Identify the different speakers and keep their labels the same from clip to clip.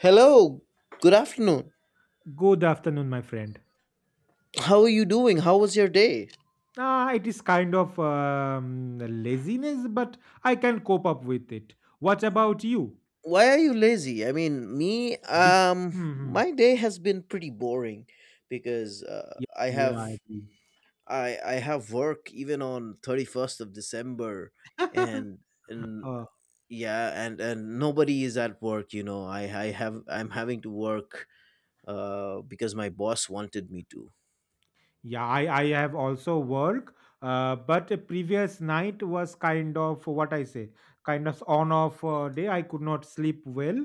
Speaker 1: Hello, good afternoon.
Speaker 2: Good afternoon, my friend.
Speaker 1: How are you doing? How was your day?
Speaker 2: It is kind of laziness, but I can cope up with it. What about you?
Speaker 1: Why are you lazy? I mean, me,
Speaker 2: Be- hmm
Speaker 1: my day has been pretty boring because
Speaker 2: Yeah,
Speaker 1: I
Speaker 2: yeah,
Speaker 1: have
Speaker 2: I agree.
Speaker 1: I I have work even on 31st of December and and
Speaker 2: Uh,
Speaker 1: yeah, and nobody is at work. I'm having to work because my boss wanted me to.
Speaker 2: I have also work, but the previous night was kind of what I say, kind of on off day. I could not sleep well.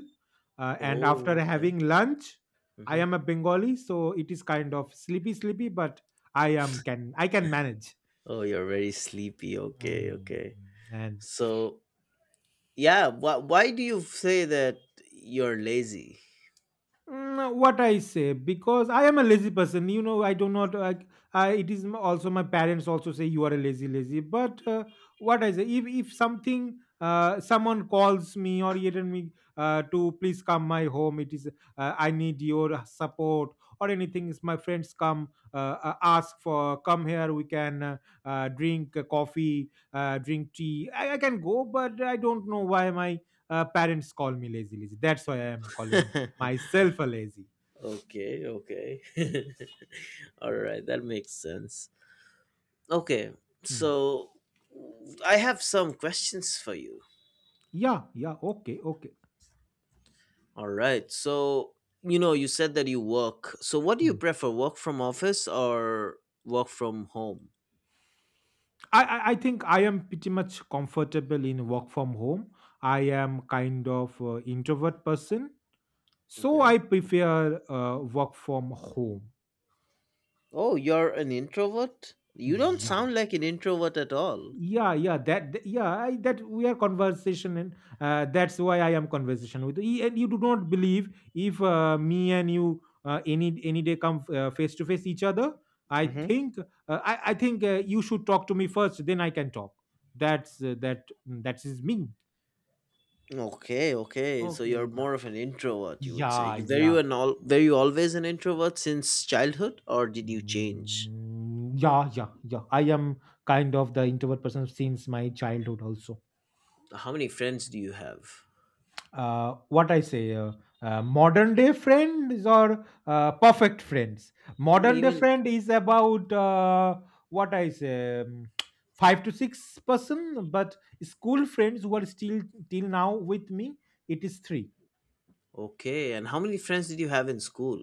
Speaker 2: And after
Speaker 1: Oh, okay.
Speaker 2: having lunch, I
Speaker 1: Mm-hmm.
Speaker 2: am a Bengali, so it is kind of sleepy, sleepy, but I can manage.
Speaker 1: Oh, you're very sleepy.
Speaker 2: Mm,
Speaker 1: Okay,
Speaker 2: mm,
Speaker 1: okay.
Speaker 2: mm. and
Speaker 1: So, yeah, why do you say that you're lazy?
Speaker 2: What I say because I am a lazy person. You know, I do not like. I it is m- Also my parents also say you are a lazy, lazy. But what I say, if something someone calls me or even me to please come my home, it is I need your support or anything. Is my friends come ask for come here? We can drink coffee, drink tea. I can go, but I don't know why my parents call me lazy, lazy. That's why I am calling
Speaker 1: Okay,
Speaker 2: myself a lazy.
Speaker 1: okay. All right, that makes sense. Okay,
Speaker 2: Hmm.
Speaker 1: so I have some questions for you.
Speaker 2: Yeah, yeah, okay, okay.
Speaker 1: All right, so you know, you said that you work. So, what do you
Speaker 2: Hmm.
Speaker 1: prefer, work from office or work from home?
Speaker 2: I think I am pretty much comfortable in work from home. I am kind of introvert person, so
Speaker 1: Okay.
Speaker 2: I prefer work from home.
Speaker 1: Oh, you're an introvert? You don't
Speaker 2: Yeah.
Speaker 1: sound like an introvert at all.
Speaker 2: yeah yeah that th- yeah I, that we are conversation and that's why I am conversation with you, and you do not believe if me and you any day come face to face each other. I think uh, i i think uh, you should talk to me first, then I can talk. That is me.
Speaker 1: Okay, okay. So you're
Speaker 2: Okay, yeah.
Speaker 1: more of an introvert, you would say.
Speaker 2: yeah
Speaker 1: You, were you
Speaker 2: yeah
Speaker 1: an all were you always an introvert since childhood, or did you change?
Speaker 2: Yeah, I am kind of the introvert person since my childhood also.
Speaker 1: How many friends do you have?
Speaker 2: What I say, modern day friends or perfect friends.
Speaker 1: No,
Speaker 2: Modern day
Speaker 1: even.
Speaker 2: friend is about what I say, five to six person, but school friends who are still till now with me, it is three.
Speaker 1: Okay. And how many friends did you have in school?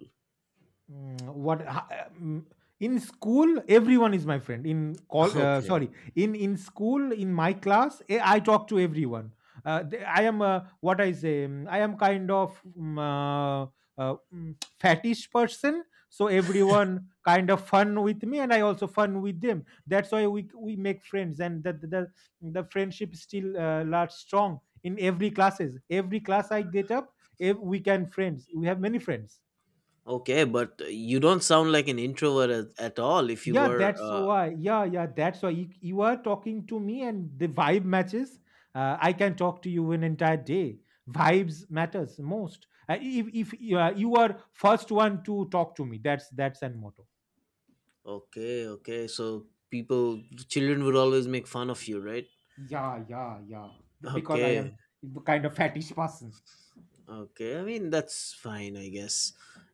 Speaker 2: Mm, what ha- um, in school everyone is my friend in call
Speaker 1: Okay,
Speaker 2: sorry in school in my class, I talk to everyone. I am kind of fattish person, so everyone kind of fun with me, and I also fun with them. That's why we make friends, and the friendship still large strong in every classes. Every class I get up. We can friends, we have many friends.
Speaker 1: okay. But you don't sound like an introvert at all. If you
Speaker 2: Yeah,
Speaker 1: were,
Speaker 2: that's why. Yeah, yeah, that's why you are talking to me, and the vibe matches. I can talk to you an entire day. Vibes matters most. If you are, you are first one to talk to me, that's an motto.
Speaker 1: okay, okay. So people, children would always make fun of you, right?
Speaker 2: Yeah, yeah, yeah. Because I am
Speaker 1: Okay.
Speaker 2: the kind of fetish person.
Speaker 1: Okay, I mean that's fine, I guess.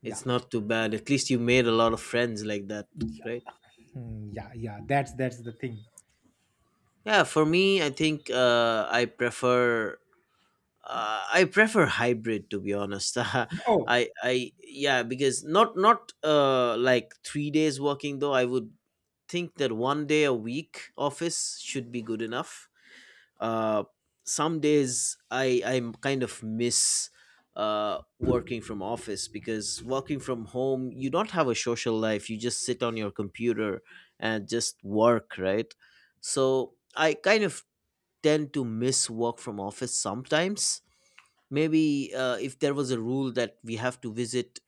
Speaker 2: Yeah,
Speaker 1: It's not too bad. At least you made a lot of friends like that, right?
Speaker 2: hmm, yeah, yeah. That's the thing.
Speaker 1: Yeah, for me, I think I prefer hybrid to be honest. I
Speaker 2: Oh,
Speaker 1: I yeah, because not like 3 days working though. I would think that one day a week office should be good enough. uh, some days I kind of miss working from office, because working from home you don't have a social life. You just sit on your computer and just work, right? So I kind of tend to miss work from office sometimes. Maybe if there was a rule that we have to visit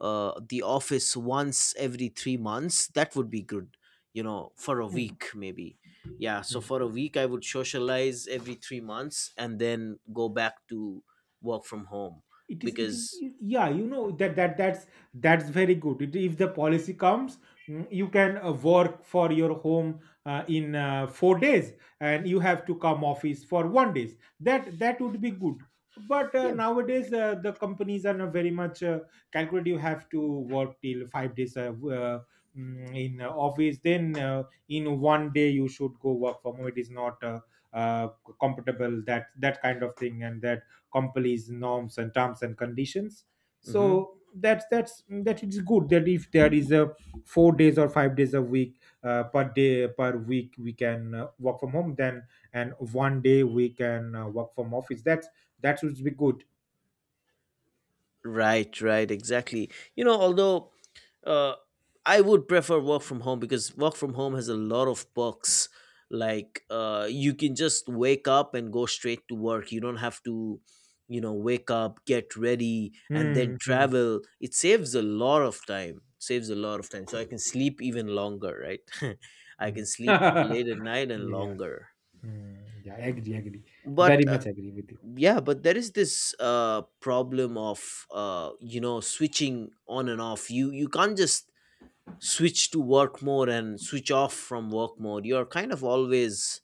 Speaker 1: the office once every 3 months, that would be good, for a
Speaker 2: hmm,
Speaker 1: week maybe. Yeah, so
Speaker 2: hmm.
Speaker 1: for a week, I would socialize every 3 months and then go back to work from home
Speaker 2: it is it
Speaker 1: because.
Speaker 2: is yeah, you know, that's very good. If the policy comes, you can work for your home in 4 days, and you have to come office for 1 days, that would be good. But
Speaker 1: Yeah.
Speaker 2: nowadays the companies are not very much calculate. You have to work till 5 days uh, in office, then in 1 day you should go work from home. It is not uh, compatible, that kind of thing, and that companies norms and terms and conditions.
Speaker 1: Mhm.
Speaker 2: So that it's good that if there is a 4 days or 5 days a week, per day per week we can work from home, then and 1 day we can work from office, that should be good.
Speaker 1: Right, right, exactly. You know, although uh, I would prefer work from home because work from home has a lot of perks. Like you can just wake up and go straight to work. You don't have to, wake up, get ready, and then
Speaker 2: Hmm, hmm,
Speaker 1: travel. It saves a lot of time. Saves a lot of time. So I can sleep even longer, right? I
Speaker 2: hmm.
Speaker 1: can sleep late at night and
Speaker 2: Yeah.
Speaker 1: longer.
Speaker 2: Hmm. Yeah, agree,
Speaker 1: But
Speaker 2: very much agree with you.
Speaker 1: yeah, but there is this problem of switching on and off. You can't just switch to work mode and switch off from work mode. You're kind of always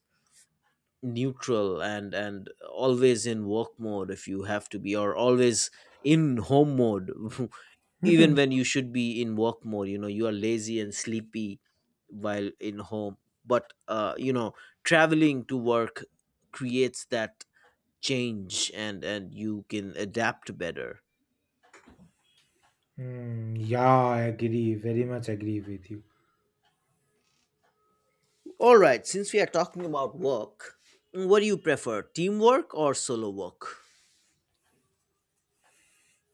Speaker 1: neutral and always in work mode if you have to be, or always in home mode. Even when you should be in work mode, you are lazy and sleepy while in home. But traveling to work creates that change, and you can adapt better.
Speaker 2: Hmm, yeah, I agree, very much agree with you.
Speaker 1: All right, since we are talking about work, what do you prefer, teamwork or solo work?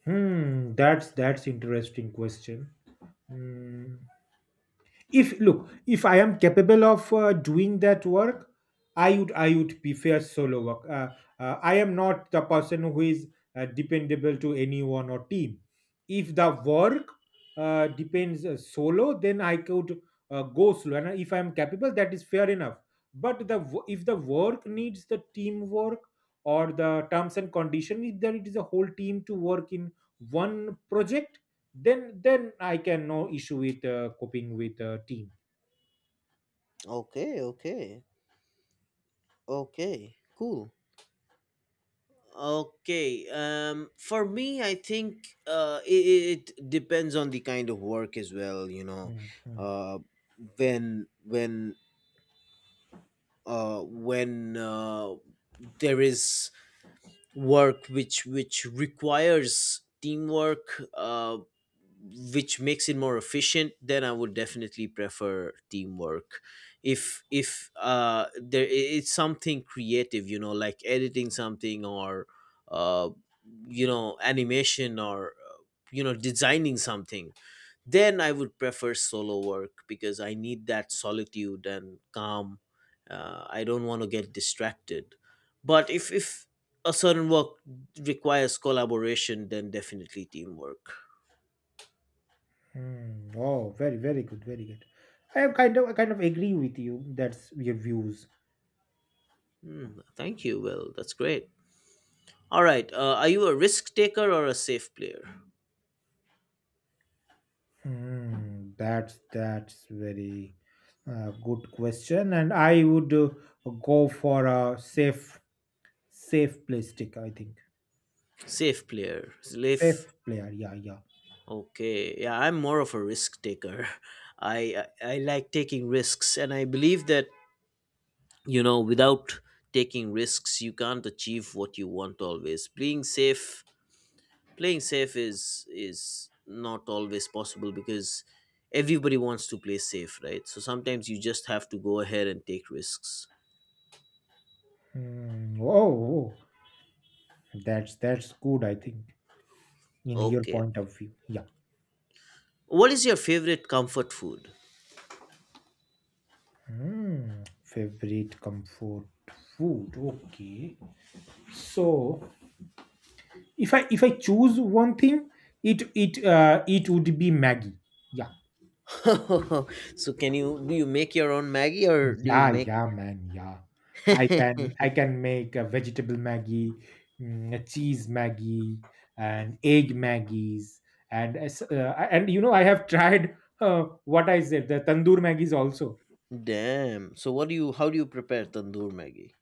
Speaker 2: Hmm, that's interesting question. Hmm. If I am capable of doing that work, I would prefer solo work. I am not the person who is dependable to anyone or team. If the work depends solo, then I could go slow, and if I am capable, that is fair enough. But if the work needs the teamwork, or the terms and condition, if there it is a whole team to work in one project, then I can no issue with coping with team.
Speaker 1: Okay, okay. Okay, cool. Okay, for me, I think it depends on the kind of work as well.
Speaker 2: Mhm. Mm.
Speaker 1: uh when when when there is work which requires teamwork, which makes it more efficient, then I would definitely prefer teamwork. If it's something creative, like editing something, or uh animation, or designing something, then I would prefer solo work because I need that solitude and calm. I don't want to get distracted, but if a certain work requires collaboration, then definitely teamwork.
Speaker 2: Mm. Oh, very good, very good. I am kind of, I kind of agree with you. That's your views.
Speaker 1: Hmm, thank you, Will. That's great. All right. Are you a risk taker or a safe player?
Speaker 2: That's very good question, and I would go for a safe, safe play stick. I think
Speaker 1: Safe player.
Speaker 2: safe
Speaker 1: Safe.
Speaker 2: player. Yeah, yeah.
Speaker 1: Okay. Yeah, I'm more of a risk taker. I like taking risks, and I believe that without taking risks, you can't achieve what you want always. Being safe, playing safe is not always possible because everybody wants to play safe, right? So sometimes you just have to go ahead and take risks.
Speaker 2: Mm, oh, oh, that's good. I think in your
Speaker 1: Okay,
Speaker 2: point of view. Yeah.
Speaker 1: what is your favorite comfort food?
Speaker 2: Mm, favorite comfort food. Okay. So if I choose one thing, it would be Maggie. Yeah.
Speaker 1: So can you do you make your own maggie, or do you
Speaker 2: Yeah,
Speaker 1: make...
Speaker 2: yeah, man. Yeah. I can make a vegetable Maggie, a cheese Maggie, and egg Maggies, and and you know I have tried what I said the tandoor Maggies also.
Speaker 1: Damn, so what do you how do you prepare tandoor maggie?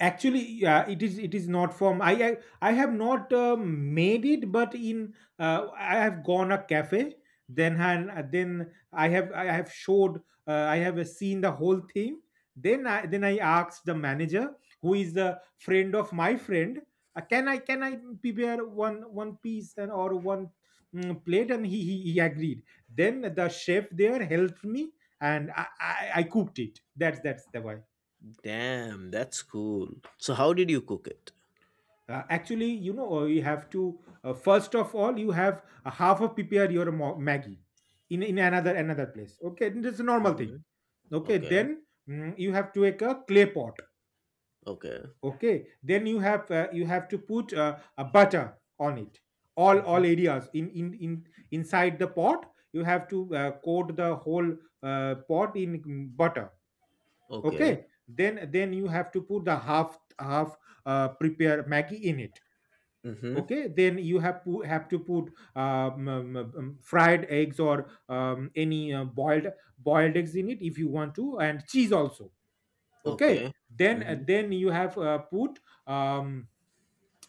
Speaker 2: Actually Yeah, it is not from I have not made it. But in I have gone a cafe, then I have showed, I have seen the whole thing. Then I asked the manager, who is the friend of my friend. Can I prepare one piece, and or one, plate? And he agreed. Then the chef there helped me, and I cooked it. That's the way.
Speaker 1: Damn, that's cool. So how did you cook it?
Speaker 2: Actually, you know, you have to first of all, you have a half of prepare your Maggie in another place. Okay, this is a normal
Speaker 1: Mm-hmm.
Speaker 2: thing. Okay,
Speaker 1: Okay.
Speaker 2: then you have to take a clay pot.
Speaker 1: Okay.
Speaker 2: Okay, then you have to put a butter on it. All
Speaker 1: Mm-hmm.
Speaker 2: areas in inside the pot. You have to coat the whole pot in butter.
Speaker 1: Okay.
Speaker 2: Okay, then you have to put the half prepare Maggie in it.
Speaker 1: Mm-hmm.
Speaker 2: Okay, then you have have to put fried eggs, or any boiled eggs in it, if you want to, and cheese also. Okay,
Speaker 1: Okay. Mm-hmm.
Speaker 2: then you have put um,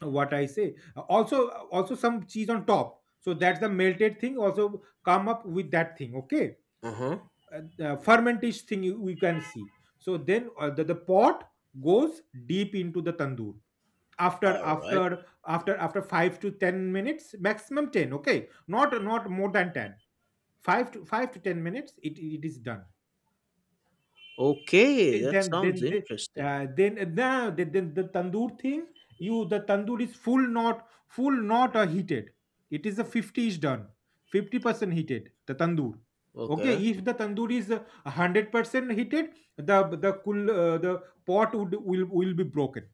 Speaker 2: what I say, also also some cheese on top, so that's the melted thing also come up with that thing. Okay.
Speaker 1: Uh-huh.
Speaker 2: Fermentish thing you, we can see. So then the pot goes deep into the tandoor, after
Speaker 1: All right.
Speaker 2: 5 to 10 minutes, maximum 10. Okay, not not more than 10. 5 to 10 minutes it is done.
Speaker 1: Okay, that sounds
Speaker 2: Then the-
Speaker 1: interesting.
Speaker 2: then No, the tandoor thing, you the tandoor is full, not full, not heated. It is a 50 is done, 50% heated the tandoor. Okay,
Speaker 1: Okay.
Speaker 2: if the tandoor is 100% heated, the the pot would will be broken.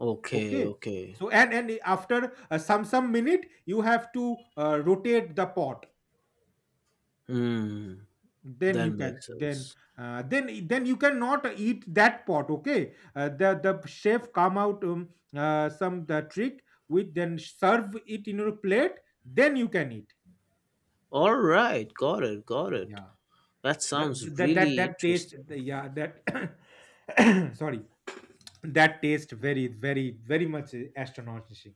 Speaker 1: Okay,
Speaker 2: Okay.
Speaker 1: okay.
Speaker 2: So, and after some minute you have to rotate the pot,
Speaker 1: Hmm,
Speaker 2: then
Speaker 1: that
Speaker 2: you can.
Speaker 1: makes sense.
Speaker 2: Then you cannot eat that pot. Okay. The chef come out, some the trick, with then serve it in your plate. Then you can eat.
Speaker 1: All right, got it, got it.
Speaker 2: Yeah.
Speaker 1: That
Speaker 2: that
Speaker 1: sounds really
Speaker 2: that taste
Speaker 1: interesting.
Speaker 2: yeah, that sorry, that taste very very very much astonishing,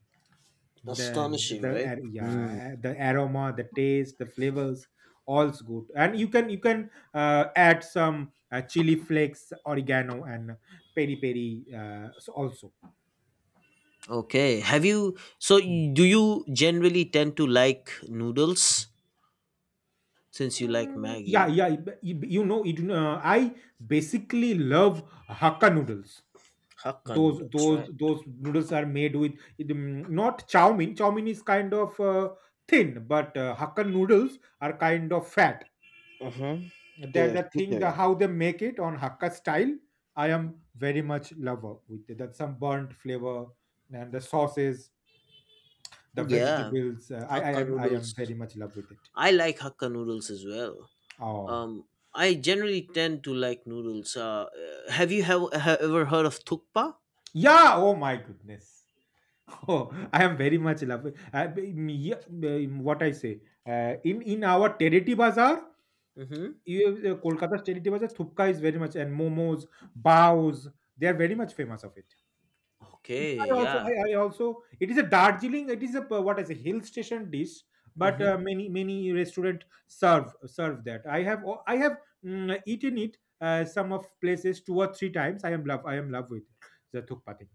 Speaker 2: then
Speaker 1: Astonishing, right? Hmm.
Speaker 2: yeah, the aroma, the taste, the flavors all's good. And you can add some chili flakes, oregano, and peri peri so also.
Speaker 1: Okay. Have you so
Speaker 2: Mm.
Speaker 1: y- Do you generally tend to like noodles since you like
Speaker 2: Mm, yeah,
Speaker 1: Maggie?
Speaker 2: yeah. But you know it, I basically love hakka noodles.
Speaker 1: Hakka
Speaker 2: those
Speaker 1: noodles, right?
Speaker 2: those those noodles are made with not chow mein. Chow mein is kind of thin, but hakka noodles are kind of fat.
Speaker 1: Mm-hmm.
Speaker 2: That
Speaker 1: They're
Speaker 2: the thing, the
Speaker 1: thicker.
Speaker 2: how they make it on hakka style. I am very much lover with it. That some burnt flavor, and the sauces, the
Speaker 1: Yeah,
Speaker 2: vegetables.
Speaker 1: Hakka
Speaker 2: I am
Speaker 1: noodles.
Speaker 2: very much love with it.
Speaker 1: I like Hakka noodles as well.
Speaker 2: Oh.
Speaker 1: Um, I generally tend to like noodles. Have ever heard of tukpa?
Speaker 2: Yeah, oh my goodness. Oh, I am very much love yeah, what I say, in our territory bazaar,
Speaker 1: Mm-hmm.
Speaker 2: Kolkata's territory bazaar, thupka is very much, and momos, bows, they are very much famous of it.
Speaker 1: Okay, yeah.
Speaker 2: It is a Darjeeling. It is a what is a hill station dish, but
Speaker 1: Mm-hmm.
Speaker 2: many restaurant serve that. I have eaten it some of places two or three times. I am love with it. The thukpati.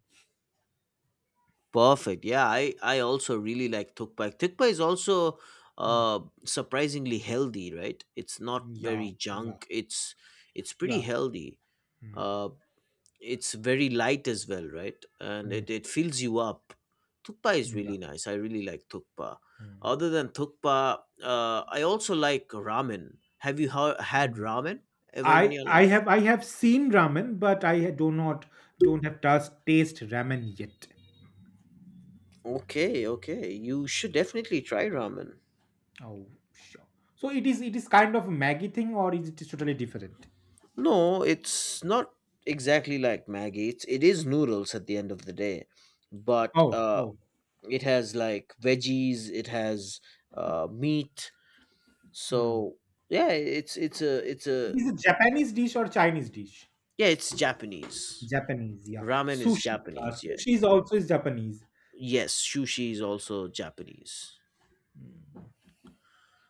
Speaker 1: Perfect. Yeah, I also really like tukpa. Tukpa is also
Speaker 2: Mm.
Speaker 1: uh surprisingly healthy, right? It's not
Speaker 2: Yeah,
Speaker 1: very
Speaker 2: yeah,
Speaker 1: junk. It's pretty
Speaker 2: yeah.
Speaker 1: healthy.
Speaker 2: Mm,
Speaker 1: Uh, it's very light as well, right? And
Speaker 2: mm,
Speaker 1: it fills you up. Thukpa is
Speaker 2: yeah.
Speaker 1: really nice. I really like thukpa.
Speaker 2: mm,
Speaker 1: Other than thukpa, I also like ramen. Have you had
Speaker 2: mm.
Speaker 1: ramen ever in
Speaker 2: I
Speaker 1: your
Speaker 2: I
Speaker 1: life?
Speaker 2: have I have seen ramen, but I do not don't have taste ramen yet.
Speaker 1: Okay, okay. You should definitely try ramen.
Speaker 2: Oh, sure. So it is kind of Maggie thing, or is it totally different?
Speaker 1: No, it's not exactly like Maggie. It is noodles at the end of the day, but
Speaker 2: Oh, oh,
Speaker 1: it has like veggies. It has meat.
Speaker 2: oh.
Speaker 1: So yeah, it's a.
Speaker 2: It is a Japanese dish or Chinese dish?
Speaker 1: Yeah, it's Japanese.
Speaker 2: Japanese, yeah.
Speaker 1: Ramen is
Speaker 2: Sushi. Yeah.
Speaker 1: Japanese. Yeah.
Speaker 2: Sushi is also is Japanese.
Speaker 1: Yes, sushi is also Japanese.
Speaker 2: Mm.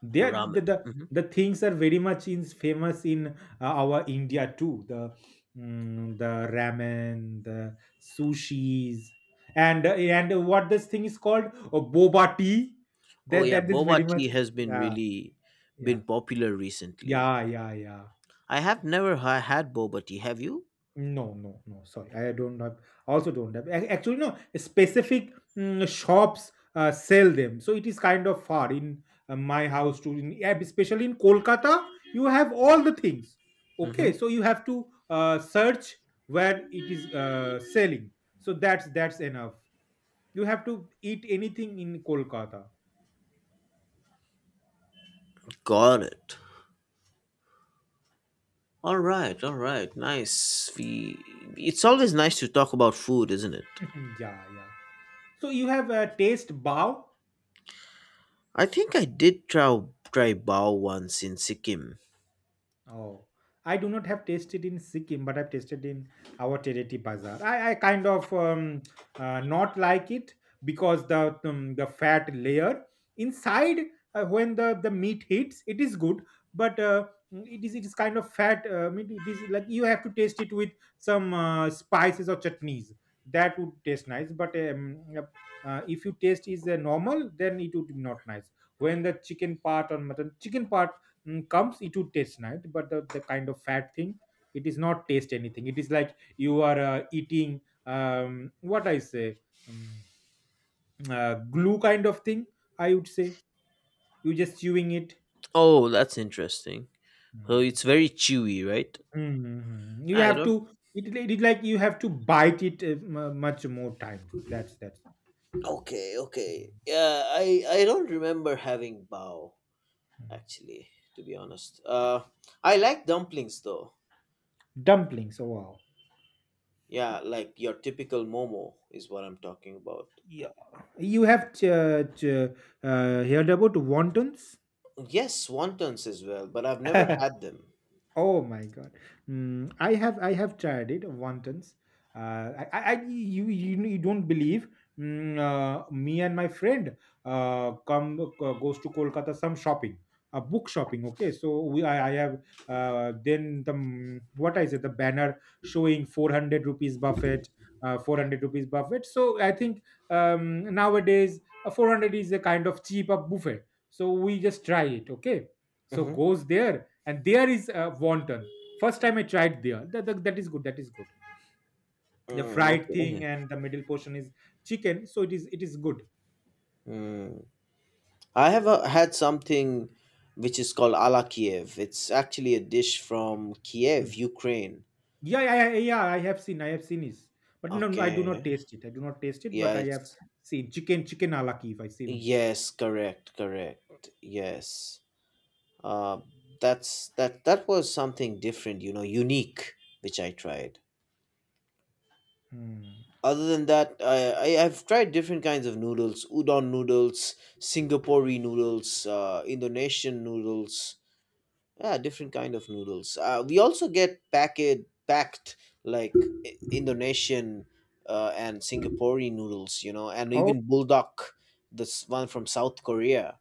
Speaker 2: They are,
Speaker 1: Ramen.
Speaker 2: the, the
Speaker 1: Mhm.
Speaker 2: the things are very much in famous in our India too. The ramen, the sushis, and what this thing is called? Oh, boba tea.
Speaker 1: Oh
Speaker 2: That
Speaker 1: yeah,
Speaker 2: that is very
Speaker 1: boba tea
Speaker 2: much.
Speaker 1: has been
Speaker 2: Yeah,
Speaker 1: really
Speaker 2: yeah,
Speaker 1: been popular recently.
Speaker 2: yeah, yeah, yeah.
Speaker 1: I have never had boba tea. Have you?
Speaker 2: No, no, no. Sorry, I don't have. Also, don't have. Actually, no. Specific shops sell them, so it is kind of far in my
Speaker 1: Hmm.
Speaker 2: house to, in, yeah, especially in Kolkata. You have all the things.
Speaker 1: Hmm.
Speaker 2: Okay, so you have to search where it is selling. So that's enough. You have to eat anything in Kolkata.
Speaker 1: Got it. All right. All right. Nice. We. It's always nice to talk about food, isn't it?
Speaker 2: Yeah, yeah. So you have a taste bao.
Speaker 1: I think I did try bao once in Sikkim.
Speaker 2: Oh, I do not have tasted in Sikkim, but I've tasted in our Tereti Bazaar. I kind of not like it because the fat layer inside when the meat hits, it is good, but it is kind of fat. I mean, it is like you have to taste it with some spices or chutneys. That would taste nice, but yep, if you taste is normal, then it would be not nice. When the chicken part or mutton chicken part comes it would taste nice, but the kind of fat thing, it is not taste anything. It is like you are eating what I say um, glue kind of thing, I would say. You just chewing it.
Speaker 1: Oh, that's interesting. So
Speaker 2: Mm.
Speaker 1: it's very chewy, right?
Speaker 2: Mhm. You
Speaker 1: I
Speaker 2: have
Speaker 1: don't.
Speaker 2: to, it like you have to bite it much more times. That's
Speaker 1: Okay, okay. Yeah, I don't remember having bao
Speaker 2: Mhm.
Speaker 1: actually, to be honest. I like dumplings though.
Speaker 2: dumplings, oh wow.
Speaker 1: Yeah, like your typical momo is what I'm talking about.
Speaker 2: Yeah, you have heard about wontons?
Speaker 1: Yes, wontons as well, but I've never had them.
Speaker 2: Oh my God. I have tried it wontons. You don't believe. Me and my friend come goes to Kolkata some shopping, book shopping. Okay, so I have what I said, the banner showing 400 rupees buffet, 400 rupees buffet. So I think nowadays 400 is a kind of cheap buffet. So we just try it. Okay, so
Speaker 1: Mm-hmm.
Speaker 2: goes there and there is wonton. First time I tried there, that is good, that is good. The
Speaker 1: Mm,
Speaker 2: fried
Speaker 1: okay.
Speaker 2: thing and the middle portion is chicken, so it is good.
Speaker 1: Mm. I have had something which is called ala Kiev. It's actually a dish from Kiev,
Speaker 2: Mm.
Speaker 1: Ukraine.
Speaker 2: Yeah, I have seen I have seen this, but no, no, I do not
Speaker 1: Okay.
Speaker 2: taste it, I do not taste it,
Speaker 1: Yeah,
Speaker 2: but I have
Speaker 1: it's
Speaker 2: seen chicken alaki if I seen it.
Speaker 1: yes, correct, correct. Yes. uh, that that was something different, unique, which I tried.
Speaker 2: Hmm.
Speaker 1: Other than that, I've tried different kinds of noodles. Udon noodles, Singaporean noodles, Indonesian noodles. Yeah, different kind of noodles. We also get packet packed like Indonesian and Singaporean noodles, and
Speaker 2: oh
Speaker 1: even Bulldog, this one from South Korea.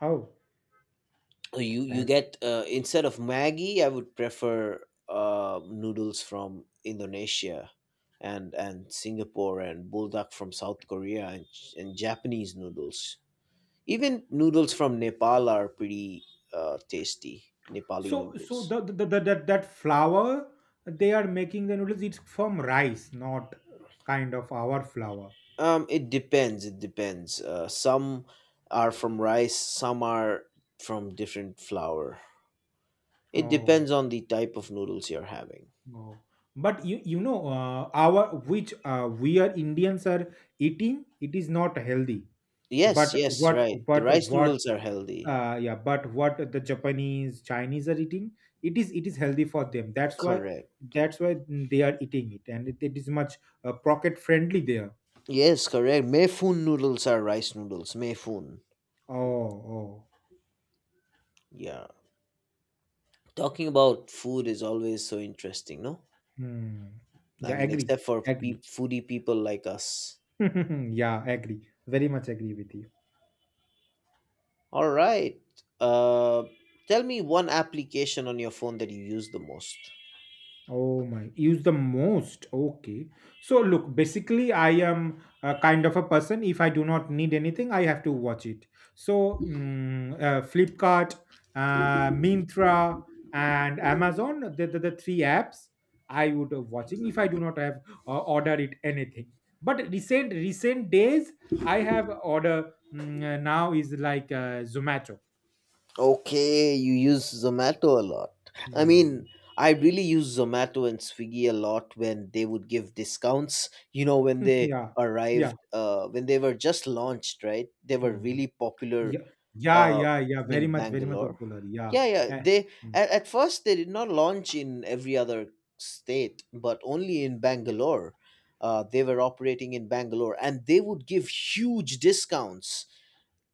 Speaker 2: oh
Speaker 1: You
Speaker 2: that
Speaker 1: get instead of Maggie, I would prefer noodles from Indonesia and Singapore, and Bulldog from South Korea, and Japanese noodles. Even noodles from Nepal are pretty tasty. Nepali
Speaker 2: so, so
Speaker 1: noodles.
Speaker 2: the that that flour, they are making the noodles, it's from rice, not kind of our flour.
Speaker 1: It depends. It depends. Some are from rice. Some are from different flour. It
Speaker 2: Oh,
Speaker 1: depends on the type of noodles you're having.
Speaker 2: oh, but you know our which we are Indians are eating, it is not healthy.
Speaker 1: Yes, yes, right. The
Speaker 2: But
Speaker 1: rice
Speaker 2: what
Speaker 1: noodles are healthy.
Speaker 2: yeah, but what the Japanese Chinese are eating, it is healthy for them.
Speaker 1: Correct.
Speaker 2: They are eating it and it is much pocket friendly there.
Speaker 1: Yes, correct. Mefun noodles are rice noodles. Mefun.
Speaker 2: Oh oh
Speaker 1: Yeah. Talking about food is always so interesting, no?
Speaker 2: hmm.
Speaker 1: I
Speaker 2: Yeah,
Speaker 1: mean,
Speaker 2: agree,
Speaker 1: except for
Speaker 2: agree.
Speaker 1: peop foodie people like us.
Speaker 2: Yeah, agree, very much agree with you.
Speaker 1: All right. Uh, Tell me one application on your phone that you use the most.
Speaker 2: Oh my, use the most. Okay. So look, basically I am a kind of a person, if I do not need anything I have to watch it. So Flipkart, Mintra and Amazon, the three apps I would watching if I do not have order it anything. But recent days I have order now is like Zomato.
Speaker 1: Okay, you use Zomato a lot. I mean,
Speaker 2: Hmm.
Speaker 1: I really use Zomato and Swiggy a lot when they would give discounts. You know, when they
Speaker 2: Yeah. Yeah.
Speaker 1: arrived, when they were just launched, right? They were
Speaker 2: Hmm.
Speaker 1: really popular
Speaker 2: Yeah. Yeah,
Speaker 1: uh,
Speaker 2: yeah, yeah. Very
Speaker 1: in
Speaker 2: much, very much
Speaker 1: Bangalore.
Speaker 2: popular. Yeah.
Speaker 1: Yeah, yeah.
Speaker 2: Eh,
Speaker 1: They
Speaker 2: mm,
Speaker 1: at first they did not launch in every other state, but only in Bangalore. They were operating in Bangalore, and they would give huge discounts.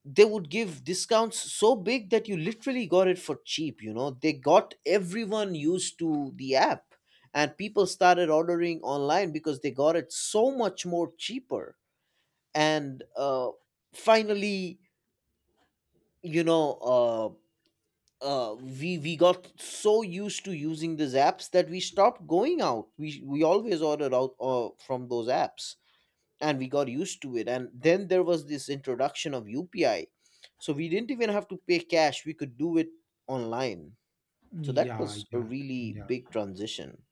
Speaker 1: They would give discounts so big that you literally got it for cheap. You know, they got everyone used to the app, and people started ordering online because they got it so much more cheaper. And finally, you know, uh, we got so used to using these apps that we stopped going out. We always ordered out from those apps, and we got used to it. And then there was this introduction of UPI, so we didn't even have to pay cash. We could do it online. So that
Speaker 2: Yeah,
Speaker 1: was a
Speaker 2: yeah,
Speaker 1: really
Speaker 2: yeah,
Speaker 1: big transition.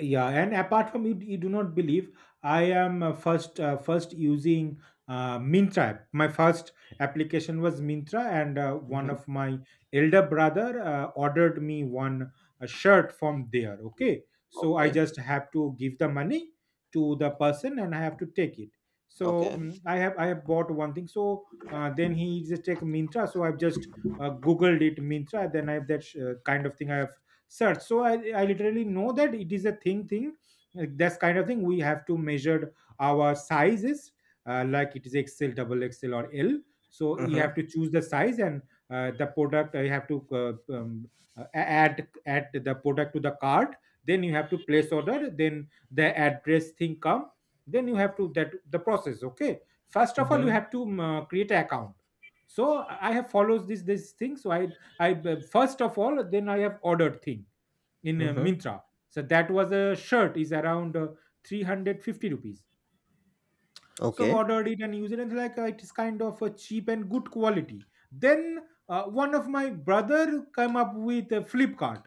Speaker 2: yeah. And apart from, you do not believe, I am first using Mintra. My first application was Mintra, and one
Speaker 1: Mm-hmm.
Speaker 2: of my elder brother ordered me one shirt from there, okay. So I
Speaker 1: Okay.
Speaker 2: just have to give the money to the person and I have to take it. So
Speaker 1: Okay.
Speaker 2: I have bought one thing, so then he just take Mintra. So I've just googled it Mintra, then I have that kind of thing, I have search. So I literally know that it is a thin thing, like that's kind of thing we have to measure our sizes, like it is XL, double XL, or L. So you
Speaker 1: Mm-hmm.
Speaker 2: have to choose the size and the product, you have to add the product to the cart, then you have to place order, then the address thing come, then you have to that the process. Okay, first of all you
Speaker 1: Mm-hmm.
Speaker 2: have to create an account. So I have follows this thing. So first of all, then I have ordered thing in
Speaker 1: Mm-hmm.
Speaker 2: Mintra. So that was a shirt is around 350 rupees. So I've
Speaker 1: Okay.
Speaker 2: ordered it and used it, and like it is kind of cheap and good quality. Then one of my brother came up with a Flipkart.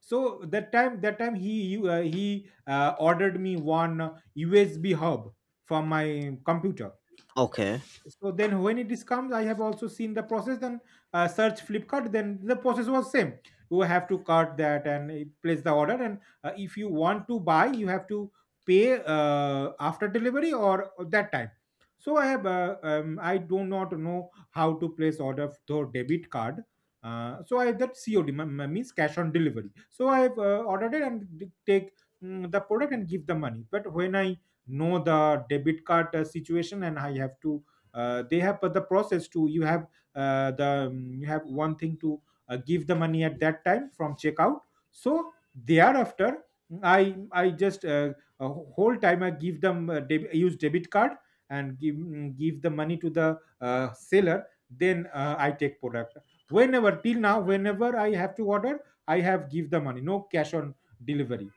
Speaker 2: So that time he ordered me one USB hub from my computer.
Speaker 1: Okay.
Speaker 2: So then when it is comes, I have also seen the process. Then search Flipkart, then the process was same. You have to cut that and place the order, and if you want to buy, you have to pay after delivery or that time. So I have I do not know how to place order through debit card. So I have that COD, means cash on delivery. So I have ordered it and take the product and give the money. But when I know the debit card situation, and I have to they have but the process to you have the you have one thing to give the money at that time from checkout. So thereafter I just uh, whole time I give them use debit card, and give give the money to the seller, then I take product. Whenever, till now, whenever I have to order, I have give the money, no cash on delivery.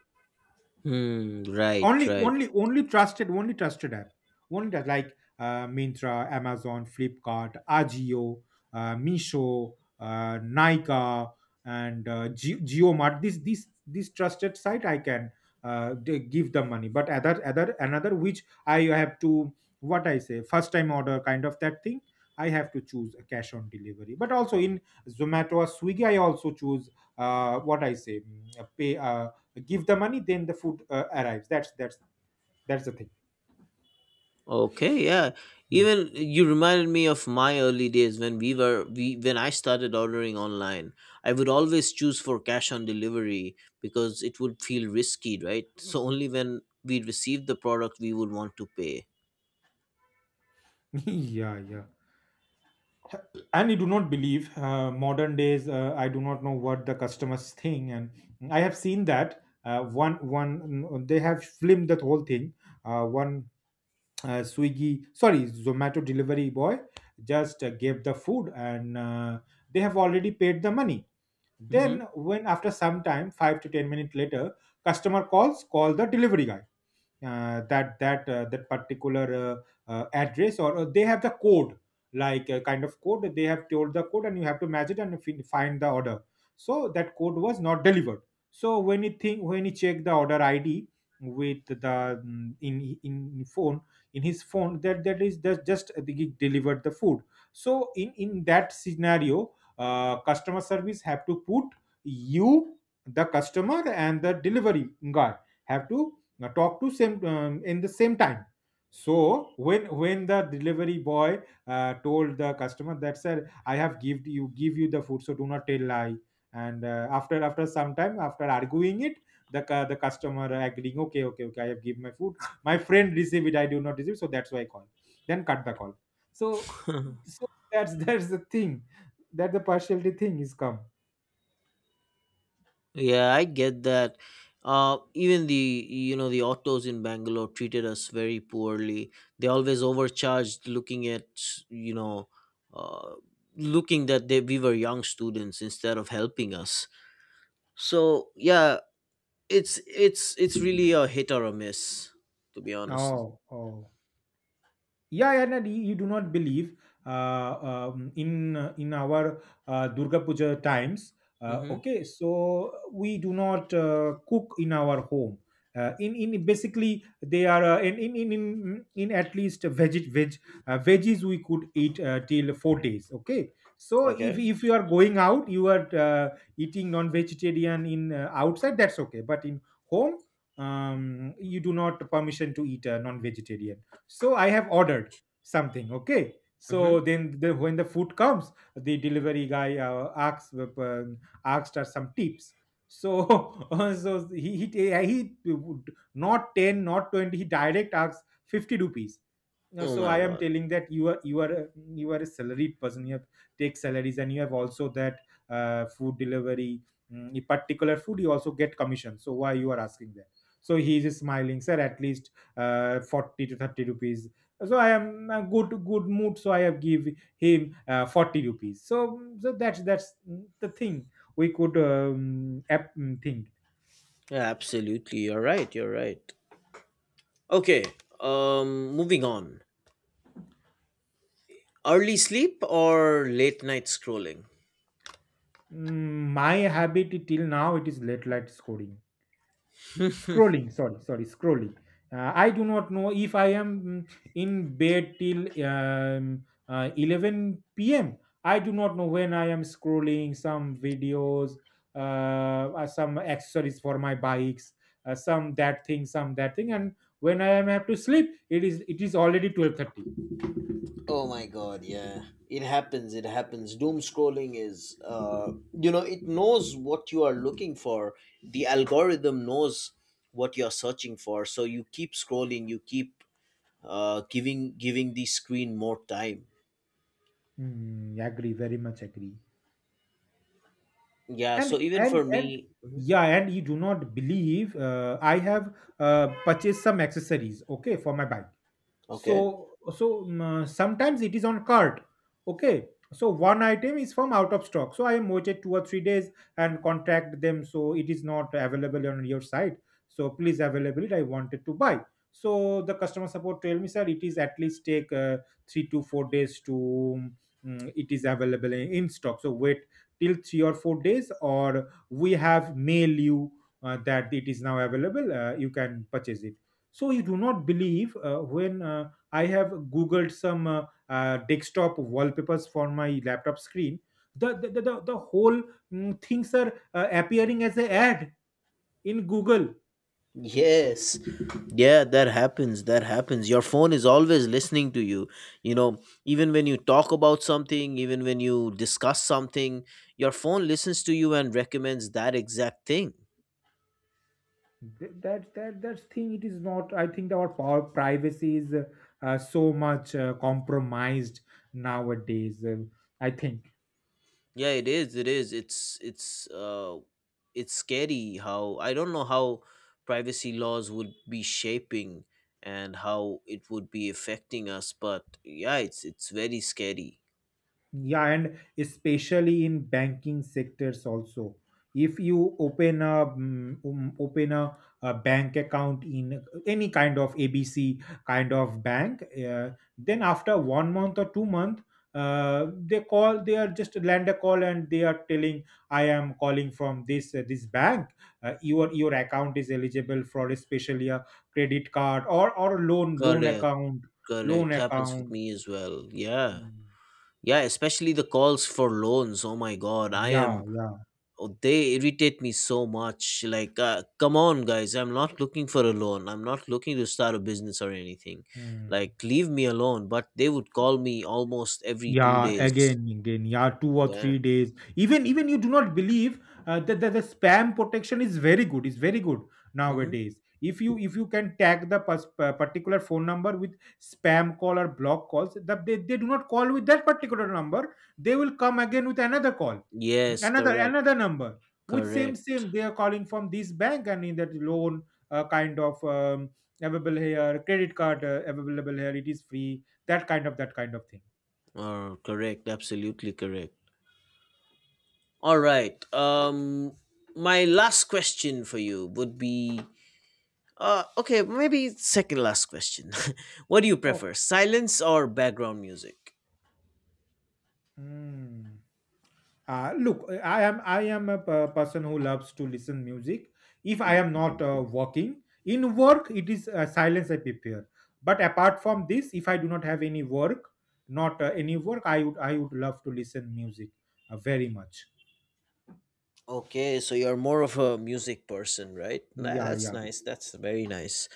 Speaker 1: Hmm. Right.
Speaker 2: Only,
Speaker 1: Right.
Speaker 2: only, only trusted app. Only that, like Myntra, Amazon, Flipkart, Ajio, Misho, Nika, and JioMart. This trusted site, I can give the money. But another which I have to what I say, first time order kind of that thing, I have to choose a cash on delivery. But also in Zomato or Swiggy, I also choose what I say, mm, a pay, give the money, then the food arrives. That's the thing.
Speaker 1: Okay, yeah.
Speaker 2: Yeah.
Speaker 1: Even you reminded me of my early days when we were we when I started ordering online. I would always choose for cash on delivery because it would feel risky, right? So only when we received the product we would want to pay.
Speaker 2: Yeah, yeah. And I do not believe modern days, I do not know what the customers think. And I have seen that they have filmed that whole thing. One Swiggy, sorry, Zomato delivery boy just gave the food, and they have already paid the money.
Speaker 1: Hmm.
Speaker 2: Then when after some time 5 to 10 minutes later, customer call the delivery guy, that particular address, or they have the code, like a kind of code. They have told the code and you have to match it and find the order. So that code was not delivered. So when you think when you check the order ID with the in phone, in his phone, that that is that just the delivered the food. So in that scenario, customer service have to put you, the customer and the delivery guy, have to talk to same in the same time. So when the delivery boy told the customer that, sir, I have give you the food, so do not tell lie. And after some time, after arguing it, the the customer agreeing, okay, okay, okay, I have give my food, my friend receive it, I do not receive, so that's why I call, then cut the call. so so that's the thing, that the partiality thing is come.
Speaker 1: Yeah, I get that. Even the you know the autos in Bangalore treated us very poorly. They always overcharged, looking at you know, uh, looking that we were young students instead of helping us. So yeah, it's really a hit or a miss, to be honest.
Speaker 2: oh oh yeah, yeah, no, you do not believe in our Durga Puja times,
Speaker 1: Mm-hmm.
Speaker 2: okay, so we do not cook in our home, in basically they are in At least veg veggies, we could eat till 4 days, okay. So if
Speaker 1: Okay.
Speaker 2: if you are going out, you are eating non vegetarian in outside, that's okay, but in home, you do not permission to eat non vegetarian. So I have ordered something, okay, so
Speaker 1: Mm-hmm.
Speaker 2: then when the food comes, the delivery guy asks asked us some tips. So so he would, not 10, not 20, he direct asks 50 rupees. Now,
Speaker 1: Oh
Speaker 2: so
Speaker 1: my
Speaker 2: I am
Speaker 1: god.
Speaker 2: telling that you are a salaried person, you have take salaries, and you have also that food delivery, a particular food, you also get commission, so why you are asking that? So he is smiling, sir, at least 40 to 30 rupees. So I am good mood, so I have give him 40 rupees, so that's the thing we could think.
Speaker 1: Yeah, absolutely. You're right. You're right. Okay. Moving on. Early sleep or late night scrolling?
Speaker 2: My habit till now, it is late light scoring
Speaker 1: Oh
Speaker 2: scrolling, sorry scrolling. I do not know if I am in bed till 11 p.m. I do not know when I am scrolling some videos, some accessories for my bikes, some that thing, some that thing, and when I am have to sleep, it is already 12:30.
Speaker 1: my god, yeah. It happens, it happens. Doom scrolling is it knows what you are looking for. The algorithm knows what you're searching for. So you keep scrolling, you keep giving the screen more time.
Speaker 2: Mm, agree, very much agree.
Speaker 1: Yeah,
Speaker 2: and
Speaker 1: so even
Speaker 2: and
Speaker 1: for
Speaker 2: and
Speaker 1: me. Mhm.
Speaker 2: yeah, and you do not believe I have purchased some accessories, okay, for my bike.
Speaker 1: Okay.
Speaker 2: So so sometimes it is on cart, okay, so one item is from out of stock, so I am waited 2 or 3 days and contact them, so it is not available on your site, so please available it, I wanted to buy. So the customer support tell me, sir, it is at least take 3 to 4 days to it is available in stock, so wait till 3 or 4 days, or we have mail you that it is now available, you can purchase it. So you do not believe when I have googled some desktop wallpapers for my laptop screen, the whole things are appearing as a ad in Google.
Speaker 1: Yes. Yeah, that happens. That happens. Your phone is always listening to you. You know, even when you talk about something, even when you discuss something, your phone listens to you and recommends that exact thing.
Speaker 2: That thing, it is not, I think our power privacy is so much compromised nowadays, I think.
Speaker 1: Yeah, it is. It is. It's it's scary. How, I don't know how privacy laws would be shaping and how it would be affecting us, but yeah, it's very scary.
Speaker 2: Yeah, and especially in banking sectors also, if you open a bank account in any kind of ABC kind of bank, then after 1 month or 2 month, they call, they are just land a call and they are telling, I am calling from this this bank, your account is eligible for especially a credit card or loan
Speaker 1: Correct,
Speaker 2: account, loan
Speaker 1: correct. Happens with
Speaker 2: account.
Speaker 1: me as well. Yeah.
Speaker 2: Mm.
Speaker 1: Yeah, especially the calls for loans. Oh my god, I
Speaker 2: Yeah,
Speaker 1: am,
Speaker 2: yeah.
Speaker 1: oh, they irritate me so much. Like come on guys, I'm not looking for a loan, I'm not looking to start a business or anything.
Speaker 2: 嗯。
Speaker 1: Like leave me alone, but they would call me almost every two
Speaker 2: yeah
Speaker 1: days
Speaker 2: again, yeah, two or
Speaker 1: Yeah.
Speaker 2: three days even you do not believe that the spam protection is very good. It's very good
Speaker 1: Mm-hmm.
Speaker 2: nowadays. If you can tag the particular phone number with spam call or block calls, that they do not call with that particular number, they will come again with another call,
Speaker 1: Yes, correct.
Speaker 2: another number, with
Speaker 1: Correct.
Speaker 2: same, they are calling from this bank and in that loan kind of, available here, credit card available here, it is free, that kind of thing.
Speaker 1: Or correct, absolutely correct. All right. Um, my last question for you would be, okay, maybe second last question. What do you
Speaker 2: Oh.
Speaker 1: prefer, silence or background music?
Speaker 2: Hmm. Look, I am a person who loves to listen music. If I am not working in work, it is silence I prepare. But apart from this, if I do not have any work, not any work, I would love to listen music very much.
Speaker 1: Okay, so you're more of a music person, right? Nah,
Speaker 2: Yeah,
Speaker 1: that's
Speaker 2: yeah.
Speaker 1: nice. That's very nice.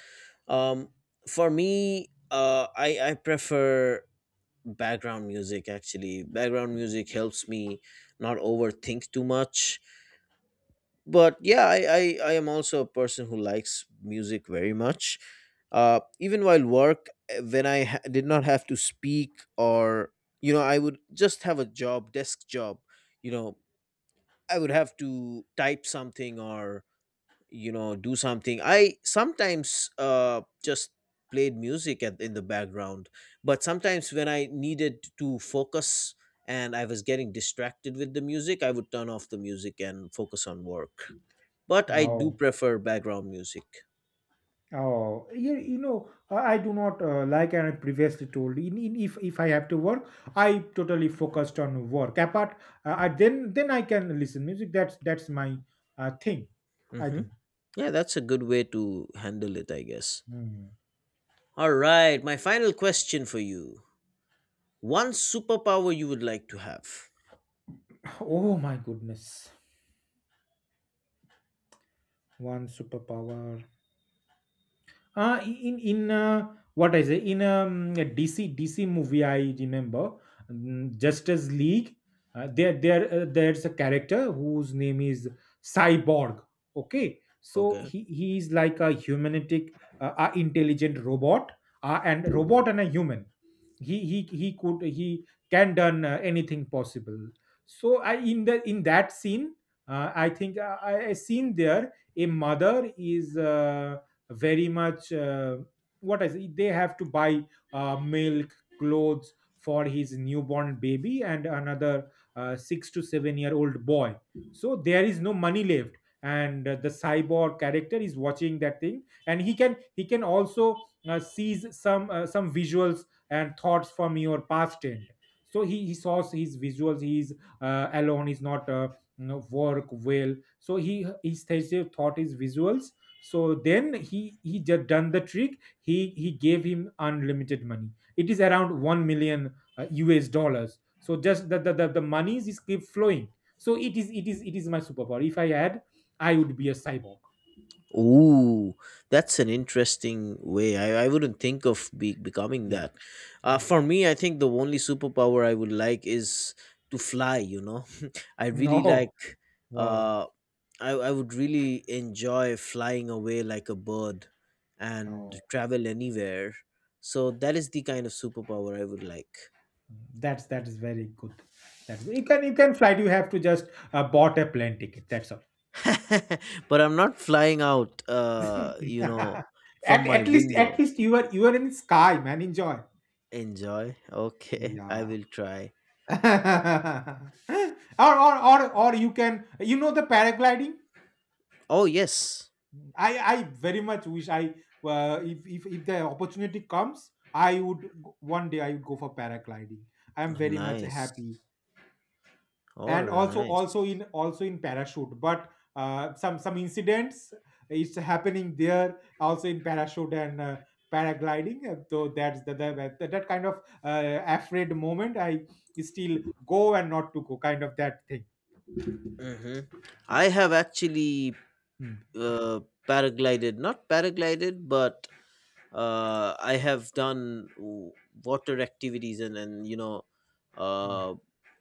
Speaker 1: Um, for me, I prefer background music, actually. Background music helps me not overthink too much. But yeah, I am also a person who likes music very much. Even while work, when I did not have to speak or you know, I would just have a job, desk job. You know, I would have to type something or you know, do something. I sometimes just played music at, in the background. But sometimes when I needed to focus and I was getting distracted with the music, I would turn off the music and focus on work. But I do
Speaker 2: Oh.
Speaker 1: prefer background music.
Speaker 2: Oh, I do not like I previously told. In if I have to work, I totally focused on work. Apart, I, then I can listen music. That's my thing. I
Speaker 1: Hmm.
Speaker 2: think.
Speaker 1: Yeah, that's a good way to handle it, I guess.
Speaker 2: Hmm.
Speaker 1: All right, my final question for you, one superpower you would like to have.
Speaker 2: Oh my goodness, one superpower. In What I say in, a DC movie I remember, Justice League, there's a character whose name is Cyborg. Okay, so
Speaker 1: Okay.
Speaker 2: he is like a humanistic intelligent robot, and robot and a human, he could he can done anything possible. So I in the in that scene, I think I seen there, a mother is very much what is it? They have to buy milk, clothes for his newborn baby and another 6 to 7 year old boy. So there is no money left, and the Cyborg character is watching that thing, and he can also sees some visuals and thoughts from your past end. So he saw his visuals, he's alone, he's not work well, so he his Theseus thought his visuals. So then he just done the trick, he gave him unlimited money, it is around 1 million US dollars, so just the monies is keep flowing. So it is my superpower, if I had, I would be a Cyborg.
Speaker 1: Ooh, that's an interesting way. I wouldn't think of becoming
Speaker 2: Yeah,
Speaker 1: that.
Speaker 2: yeah.
Speaker 1: For me, I think the only superpower I would like is to fly, you know. I really
Speaker 2: No,
Speaker 1: like,
Speaker 2: no,
Speaker 1: uh, I would really enjoy flying away like a bird and
Speaker 2: no.
Speaker 1: travel anywhere. So that is the kind of superpower I would like.
Speaker 2: That is very good. That you can fly. You have to just bought a plane ticket. That's all.
Speaker 1: But I'm not flying out, you know, from
Speaker 2: at
Speaker 1: my
Speaker 2: at
Speaker 1: window.
Speaker 2: least you are in sky, man. Enjoy.
Speaker 1: Enjoy. Okay, I
Speaker 2: Yeah.
Speaker 1: will try.
Speaker 2: Or you can, the paragliding.
Speaker 1: Oh yes,
Speaker 2: I very much wish I, if the opportunity comes, one day I would go for paragliding. I'm very much
Speaker 1: nice.
Speaker 2: happy,
Speaker 1: Oh
Speaker 2: and
Speaker 1: nice.
Speaker 2: also in parachute, but some incidents, it's happening there also in parachute and paragliding. So that's that kind of afraid moment, I still, go and not to go kind of that thing.
Speaker 1: Hmm. I have actually
Speaker 2: Hmm,
Speaker 1: uh, paraglided, not paraglided, but I have done water activities and you know,
Speaker 2: hmm.
Speaker 1: uh,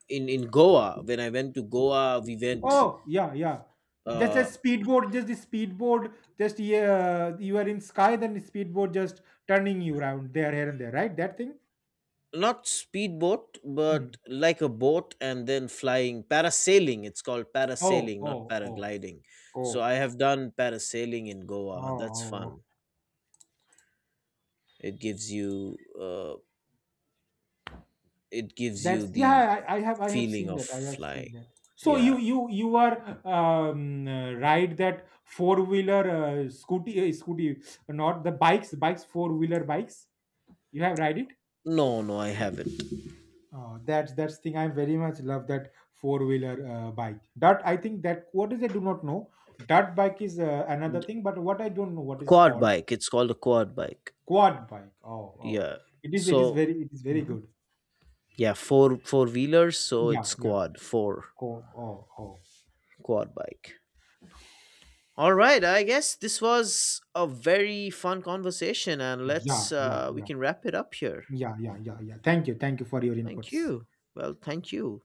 Speaker 1: in Goa. When I went to Goa, we went,
Speaker 2: Oh, yeah, yeah, just a
Speaker 1: uh,
Speaker 2: speedboard, just the speedboard just yeah, you are in sky, then the speedboard just turning you around, there, here and there, right, that thing.
Speaker 1: not speedboat but
Speaker 2: Hmm.
Speaker 1: like a boat and then flying parasailing. It's called
Speaker 2: Oh,
Speaker 1: parasailing, not
Speaker 2: oh, oh,
Speaker 1: paragliding.
Speaker 2: oh,
Speaker 1: So I have done parasailing in
Speaker 2: oh,
Speaker 1: Goa. That's
Speaker 2: oh. Oh.
Speaker 1: fun. It gives you it gives you
Speaker 2: That's,
Speaker 1: the
Speaker 2: yeah. I have
Speaker 1: feeling
Speaker 2: seen
Speaker 1: of
Speaker 2: that. I have
Speaker 1: flying.
Speaker 2: seen that. So
Speaker 1: Yeah.
Speaker 2: you are right, that four wheeler scooty, not the bikes, four wheeler bikes. You have ride it.
Speaker 1: No, no, I haven't.
Speaker 2: Oh, that's thing. I very much love that four wheeler bike. That I think that what is I do not know. That bike is another thing, but what I don't know what is
Speaker 1: Quad
Speaker 2: called
Speaker 1: bike, it's called a quad bike.
Speaker 2: quad bike. Oh, oh,
Speaker 1: Yeah. So.
Speaker 2: it is very
Speaker 1: Mhm.
Speaker 2: good.
Speaker 1: Yeah, four wheelers, so
Speaker 2: Yeah,
Speaker 1: it's
Speaker 2: yeah.
Speaker 1: quad four.
Speaker 2: Oh, oh, oh.
Speaker 1: Quad bike. All right, I guess this was a very fun conversation, and
Speaker 2: Yeah,
Speaker 1: let's
Speaker 2: yeah,
Speaker 1: we
Speaker 2: yeah.
Speaker 1: can wrap it up here.
Speaker 2: Yeah, yeah, yeah, thank you, for your
Speaker 1: Thank
Speaker 2: inputs.
Speaker 1: you. Well, thank you.